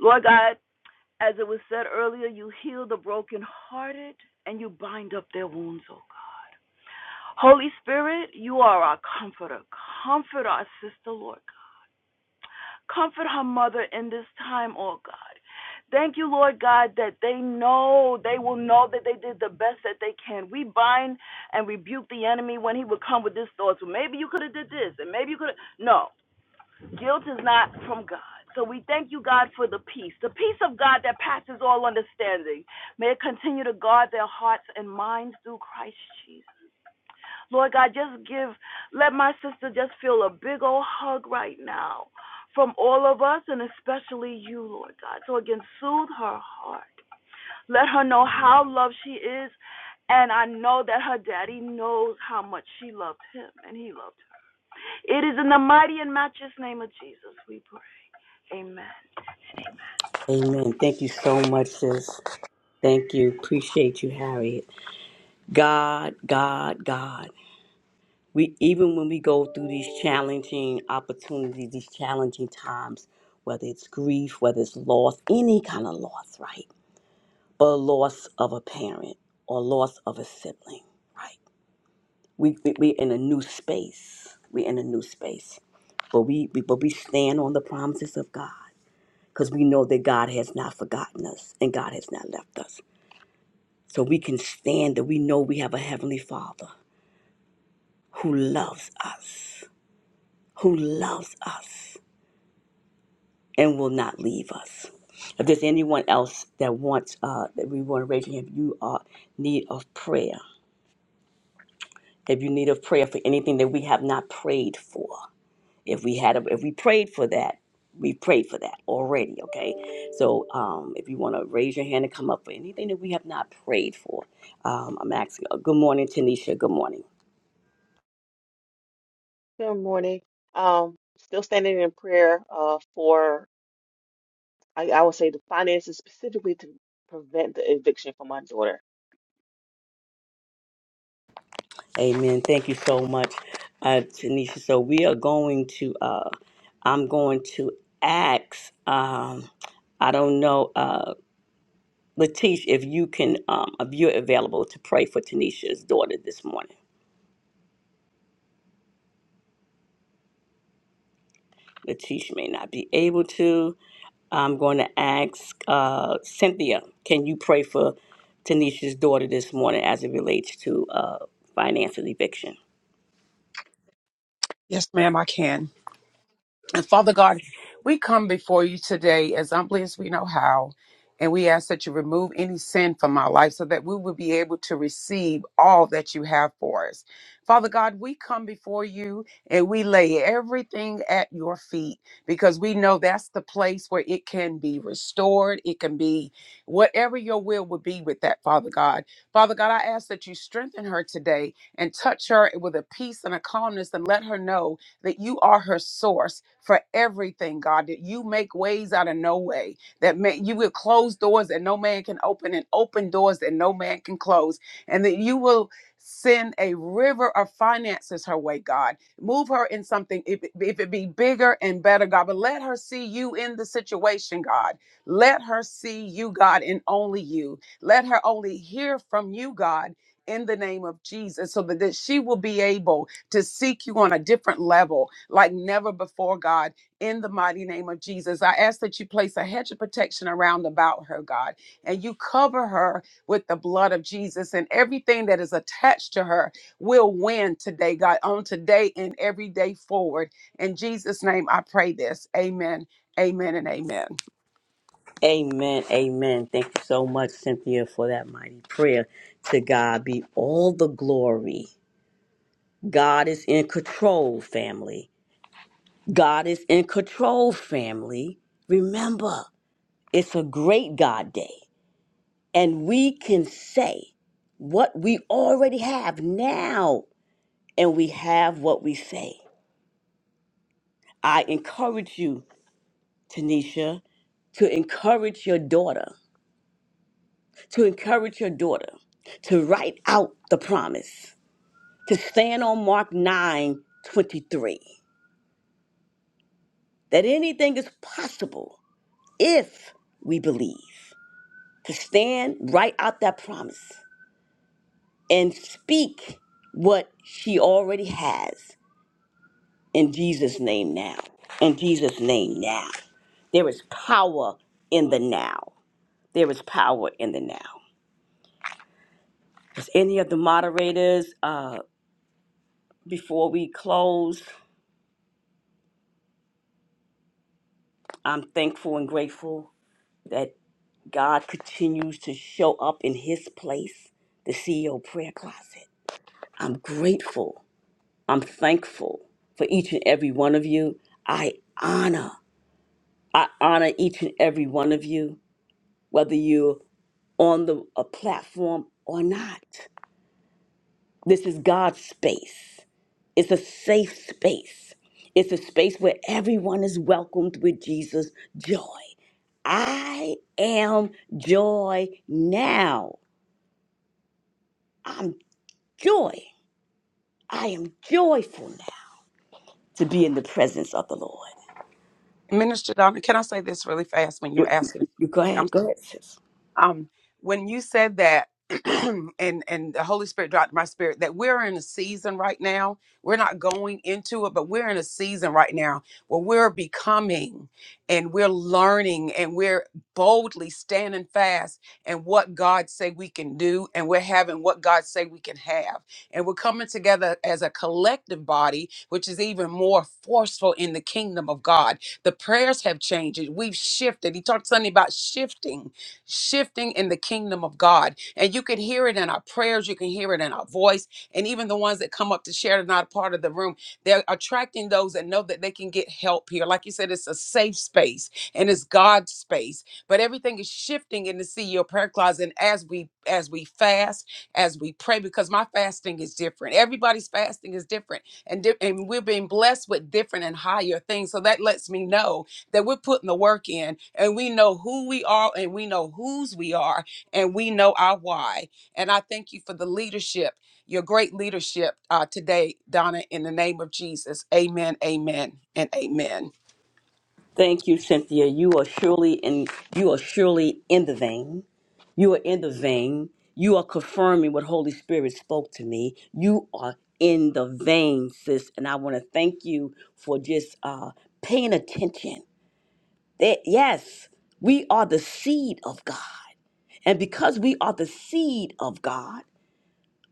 Speaker 10: Lord God, As it was said earlier, you heal the brokenhearted and you bind up their wounds, oh God. Holy Spirit, you are our comforter. Comfort our sister, Lord God. Comfort her mother in this time, oh God. Thank you, Lord God, that they know, they will know that they did the best that they can. We bind and rebuke the enemy when he would come with his thoughts. Well, maybe you could have did this, and maybe you could have. No. Guilt is not from God. So we thank you, God, for the peace, the peace of God that passes all understanding. May it continue to guard their hearts and minds through Christ Jesus. Lord God, just give, let my sister just feel a big old hug right now from all of us and especially you, Lord God. So again, soothe her heart. Let her know how loved she is. And I know that her daddy knows how much she loved him and he loved her. It is in the mighty and matchless name of Jesus we pray. Amen
Speaker 8: Amen. Thank you so much, sis. Thank you. Appreciate you, Harriet. God, God, God. we even when we go through these challenging opportunities these challenging times whether it's grief whether it's loss any kind of loss right but loss of a parent or loss of a sibling right we, we we're in a new space we're in a new space but we, we but we stand on the promises of god because we know that god has not forgotten us and god has not left us so we can stand that we know we have a heavenly father who loves us who loves us and will not leave us. If there's anyone else that wants uh, that we want to raise your hand, if you are in need of prayer. If you need of prayer for anything that we have not prayed for, if we had a, if we prayed for that, we prayed for that already. Okay, so um, if you want to raise your hand and come up for anything that we have not prayed for, um, I'm asking. uh, good morning, Tanisha. Good morning.
Speaker 11: Good morning. Um, still standing in prayer uh, for, I, I would say, the finances specifically to prevent the eviction for my daughter.
Speaker 8: Amen. Thank you so much, uh, Tanisha. So we are going to, uh, I'm going to ask, um, I don't know, uh, Latish, if you can, um, if you're available to pray for Tanisha's daughter this morning. Latish may not be able to. I'm going to ask uh, Cynthia, can you pray for Tanisha's daughter this morning as it relates to uh, financial eviction?
Speaker 4: Yes, ma'am, I can. And Father God, we come before you today as humbly as we know how, and we ask that you remove any sin from our life so that we will be able to receive all that you have for us. Father God, we come before you and we lay everything at your feet because we know that's the place where it can be restored. It can be whatever your will would be with that, Father God. Father God, I ask that you strengthen her today and touch her with a peace and a calmness and let her know that you are her source for everything, God, that you make ways out of no way, that may, you will close doors that no man can open and open doors that no man can close, and that you will send a river of finances her way, God. Move her in something, if, it- if it be bigger and better, God, but let her see you in the situation, God. Let her see you, God, and only you. Let her only hear from you, God, in the name of Jesus, so that that she will be able to seek you on a different level like never before, God, in the mighty name of Jesus. I ask that you place a hedge of protection around about her, God, and you cover her with the blood of Jesus, and everything that is attached to her will win today, God, on today and every day forward. In Jesus' name, I pray this. Amen, amen, and amen.
Speaker 8: Amen. Amen. Thank you so much, Cynthia, for that mighty prayer. To God be all the glory. God is in control, family. God is in control, family. Remember, it's a great God day, and we can say what we already have now, and we have what we say. I encourage you, Tanisha, to encourage your daughter, to encourage your daughter to write out the promise to stand on Mark 9 23, that anything is possible if we believe, to stand right out that promise and speak what she already has in Jesus' name now. In Jesus' name now. There is power in the now. There is power in the now. Does any of the moderators, uh, before we close, I'm thankful and grateful God continues to show up in his place, the CEO prayer closet. I'm grateful. I'm thankful for each and every one of you. I honor, I honor each and every one of you, whether you're on the a platform or not. This is God's space. It's a safe space. It's a space where everyone is welcomed with Jesus' joy. I am joy now. I'm joy. I am joyful now to be in the presence of the Lord.
Speaker 4: Minister Donna, can I say this really fast when
Speaker 8: You,
Speaker 4: you're asking?
Speaker 8: you go ahead, go ahead, sis.
Speaker 4: um when you said that and and the holy spirit dropped in my spirit that we're in a season right now we're not going into it but we're in a season right now where we're becoming and we're learning and we're boldly standing fast and what god say we can do and we're having what god say we can have and we're coming together as a collective body which is even more forceful in the kingdom of god the prayers have changed we've shifted he talked something about shifting shifting in the kingdom of God. And you can hear it in our prayers, you can hear it in our voice, and even the ones that come up to share that are not a part of the room. They're attracting those that know that they can get help here. Like you said, it's a safe space and it's God's space. But everything is shifting in the CEO prayer closet and as we as we fast, as we pray, because my fasting is different. Everybody's fasting is different, and di- and we're being blessed with different and higher things. So that lets me know that we're putting the work in and we know who we are and we know whose we are and we know our why. And I thank you for the leadership, your great leadership uh, today, Donna, in the name of Jesus. Amen, amen, and amen.
Speaker 8: Thank you, Cynthia. You are surely in. You are surely in the vein. You are in the vein. You are confirming what Holy Spirit spoke to me. You are in the vein, sis. And I want to thank you for just uh, paying attention. That yes, we are the seed of God, and because we are the seed of God.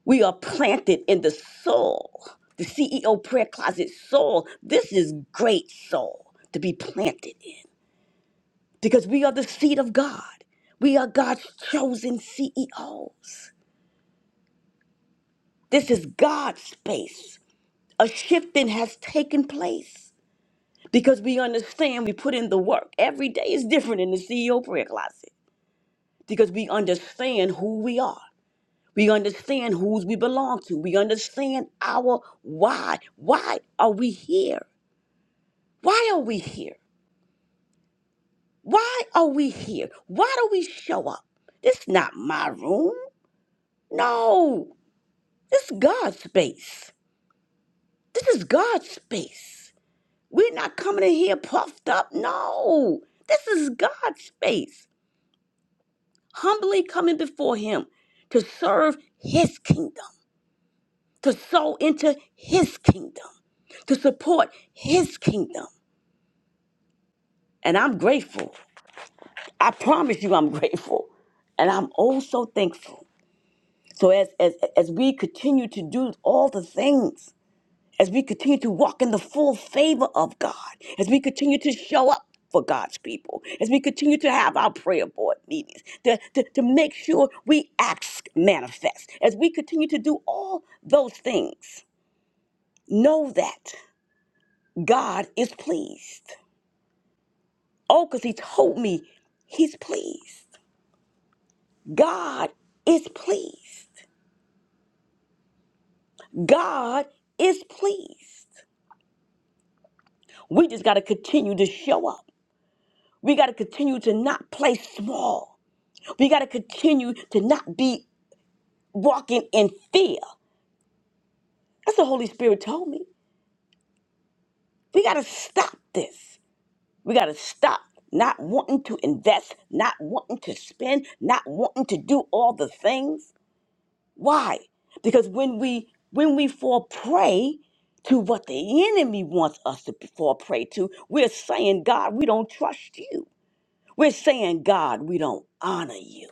Speaker 8: We are planted in the soul, the CEO prayer closet soul. This is great soul to be planted in because we are the seed of God. We are God's chosen CEOs. This is God's space. A shifting has taken place because we understand we put in the work. Every day is different in the CEO prayer closet because we understand who we are. We understand whose we belong to. We understand our why. Why are we here? Why are we here? Why are we here? Why do we show up? This is not my room. No, this is God's space. This is God's space. We're not coming in here puffed up. No, this is God's space. Humbly coming before Him to serve His kingdom. to sow into his kingdom, to support his kingdom. And I'm grateful. I promise you I'm grateful. And I'm also thankful. So as as as we continue to do all the things, as we continue to walk in the full favor of God, as we continue to show up for God's people, as we continue to have our prayer board meetings, to, to, to make sure we ask manifest, as we continue to do all those things, know that. God is pleased. Oh, because he told me he's pleased. God is pleased. God is pleased. We just got to continue to show up. We got to continue to not play small. We got to continue to not be walking in fear. That's what the Holy Spirit told me. We got to stop this. We got to stop not wanting to invest, not wanting to spend, not wanting to do all the things. Why? Because when we when we fall prey to what the enemy wants us to fall prey to, we're saying, God, we don't trust you. We're saying, God, we don't honor you.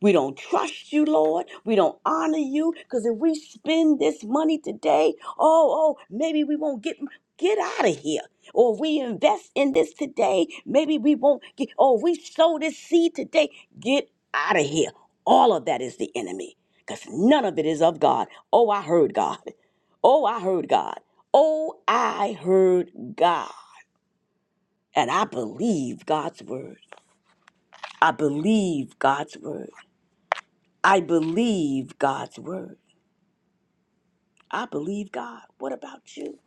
Speaker 8: We don't trust you, Lord. We don't honor you because if we spend this money today, oh, oh, maybe we won't get get out of here. Or if we invest in this today, maybe we won't get. Or if we sow this seed today, get out of here. All of that is the enemy because none of it is of God. Oh, I heard God. Oh, I heard God. Oh, I heard God. And I believe God's word. I believe God's word. I believe God's word. I believe God. What about you?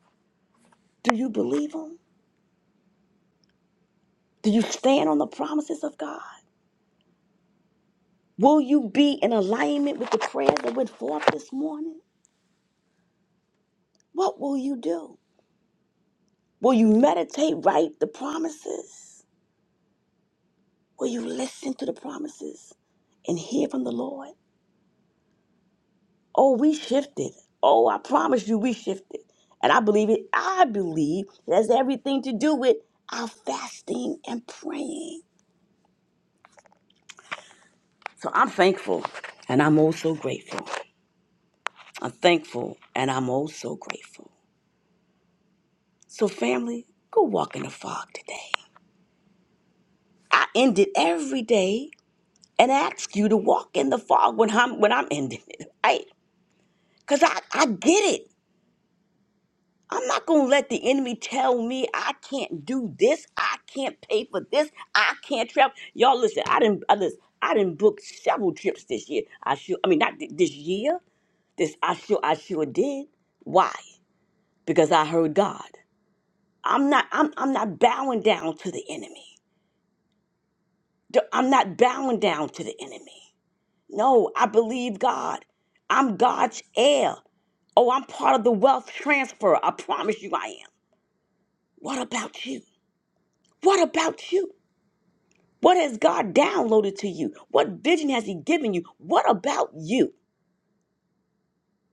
Speaker 8: Do you believe Him? Do you stand on the promises of God? Will you be in alignment with the prayers that went forth this morning? What will you do? Will you meditate, write the promises? Will you listen to the promises and hear from the Lord? Oh, we shifted. Oh, I promise you, we shifted. And I believe it. I believe it has everything to do with our fasting and praying. So I'm thankful and I'm also grateful. I'm thankful and I'm also grateful. So, family, go walk in the fog today. I end it every day and ask you to walk in the fog when I'm when I'm ending it, right? Because I, I get it. I'm not gonna let the enemy tell me I can't do this, I can't pay for this, I can't travel. Y'all listen, I didn't I listen, I didn't book several trips this year. I sure I mean not th- this year. This I sure I sure did. Why? because I heard God. I'm not I'm I'm not bowing down to the enemy. D- I'm not bowing down to the enemy. No, I believe God. I'm God's heir. Oh, I'm part of the wealth transfer. I promise you I am. What about you? What about you? What has God downloaded to you? What vision has he given you? What about you?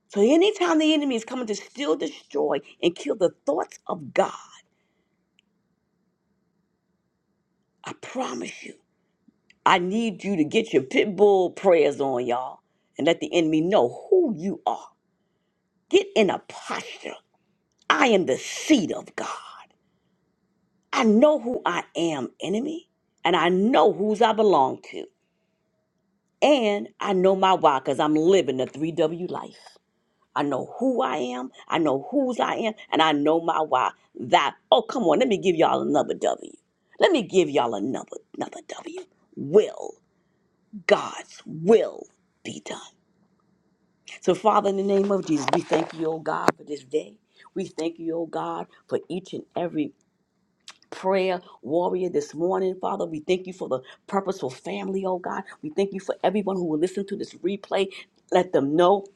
Speaker 8: So anytime the enemy is coming to steal, destroy, and kill the thoughts of God, I promise you. I need you to get your pit bull prayers on, y'all, and let the enemy know who you are. Get in a posture. I am the seed of God. I know who I am, enemy, and I know whose I belong to. And I know my why because I'm living the 3W life. I know who I am, I know whose I am, and I know my why. That, oh, come on, let me give y'all another W. Let me give y'all another, another W. Will God's will be done? So, Father, in the name of Jesus, we thank you, oh God, for this day. We thank you, oh God, for each and every prayer warrior this morning, Father. We thank you for the purposeful family, oh God. We thank you for everyone who will listen to this replay. Let them know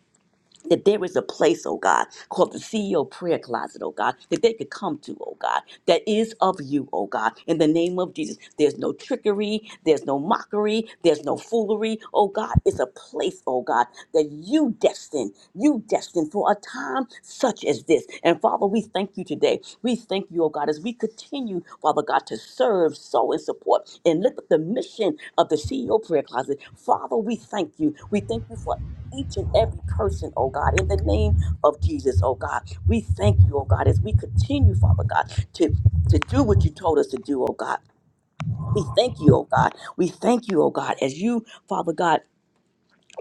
Speaker 8: that there is a place, oh God, called the CEO prayer closet, oh God, that they could come to, oh God, that is of you, oh God, in the name of Jesus. There's no trickery, there's no mockery, there's no foolery, oh God. It's a place, oh God, that you destined, you destined for a time such as this. And Father, we thank you today. We thank you, oh God, as we continue, Father God, to serve, sow, and support and lift up the mission of the CEO prayer closet. Father, we thank you. We thank you for each and every person, oh God, in the name of Jesus, oh God. We thank you, oh God, as we continue, Father God, to, to do what you told us to do, oh God. We thank you, oh God. We thank you, oh God, as you, Father God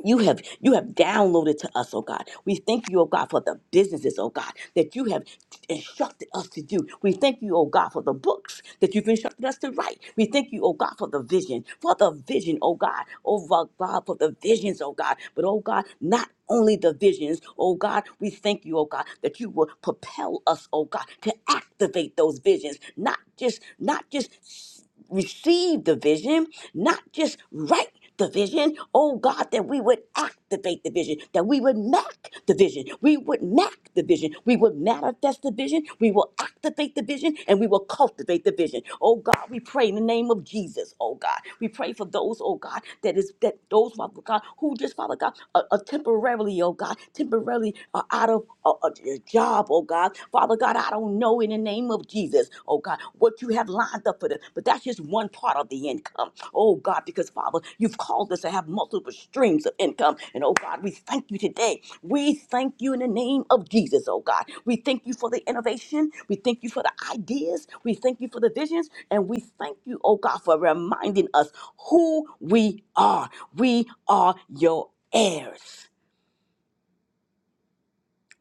Speaker 8: you have you have downloaded to us, oh God. We thank you, oh God, for the businesses, oh God, that you have instructed us to do. We thank you, oh God, for the books that you've instructed us to write. We thank you, oh God, for the vision, for the vision, oh God, oh God, for the visions, oh God. But oh God, not only the visions, oh God, we thank you, oh God, that you will propel us, oh God, to activate those visions, not just not just receive the vision, not just write the vision. Oh God, that we would activate the vision, that we would make the vision, we would make the vision, we would manifest the vision, we will activate the vision, and we will cultivate the vision. Oh God, we pray in the name of Jesus. Oh God, we pray for those. Oh God, that is that those Father God who just Father God are, are temporarily. Oh God, temporarily are out of a, a a job, oh God. Father God, I don't know in the name of Jesus, oh God, what you have lined up for them. But that's just one part of the income, oh God, because Father, you've called us to have multiple streams of income. And oh God, we thank you today. We thank you in the name of Jesus, oh God. We thank you for the innovation. We thank you for the ideas. We thank you for the visions. And we thank you, oh God, for reminding us who we are. We are your heirs.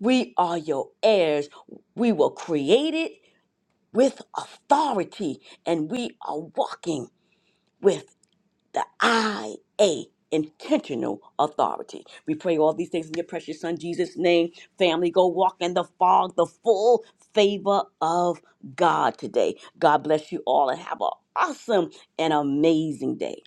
Speaker 8: We are your heirs. We were created with authority and we are walking with the IA, intentional authority. We pray all these things in your precious son Jesus' name. Family, go walk in the fog, the full favor of God today. God bless you all and have an awesome and amazing day.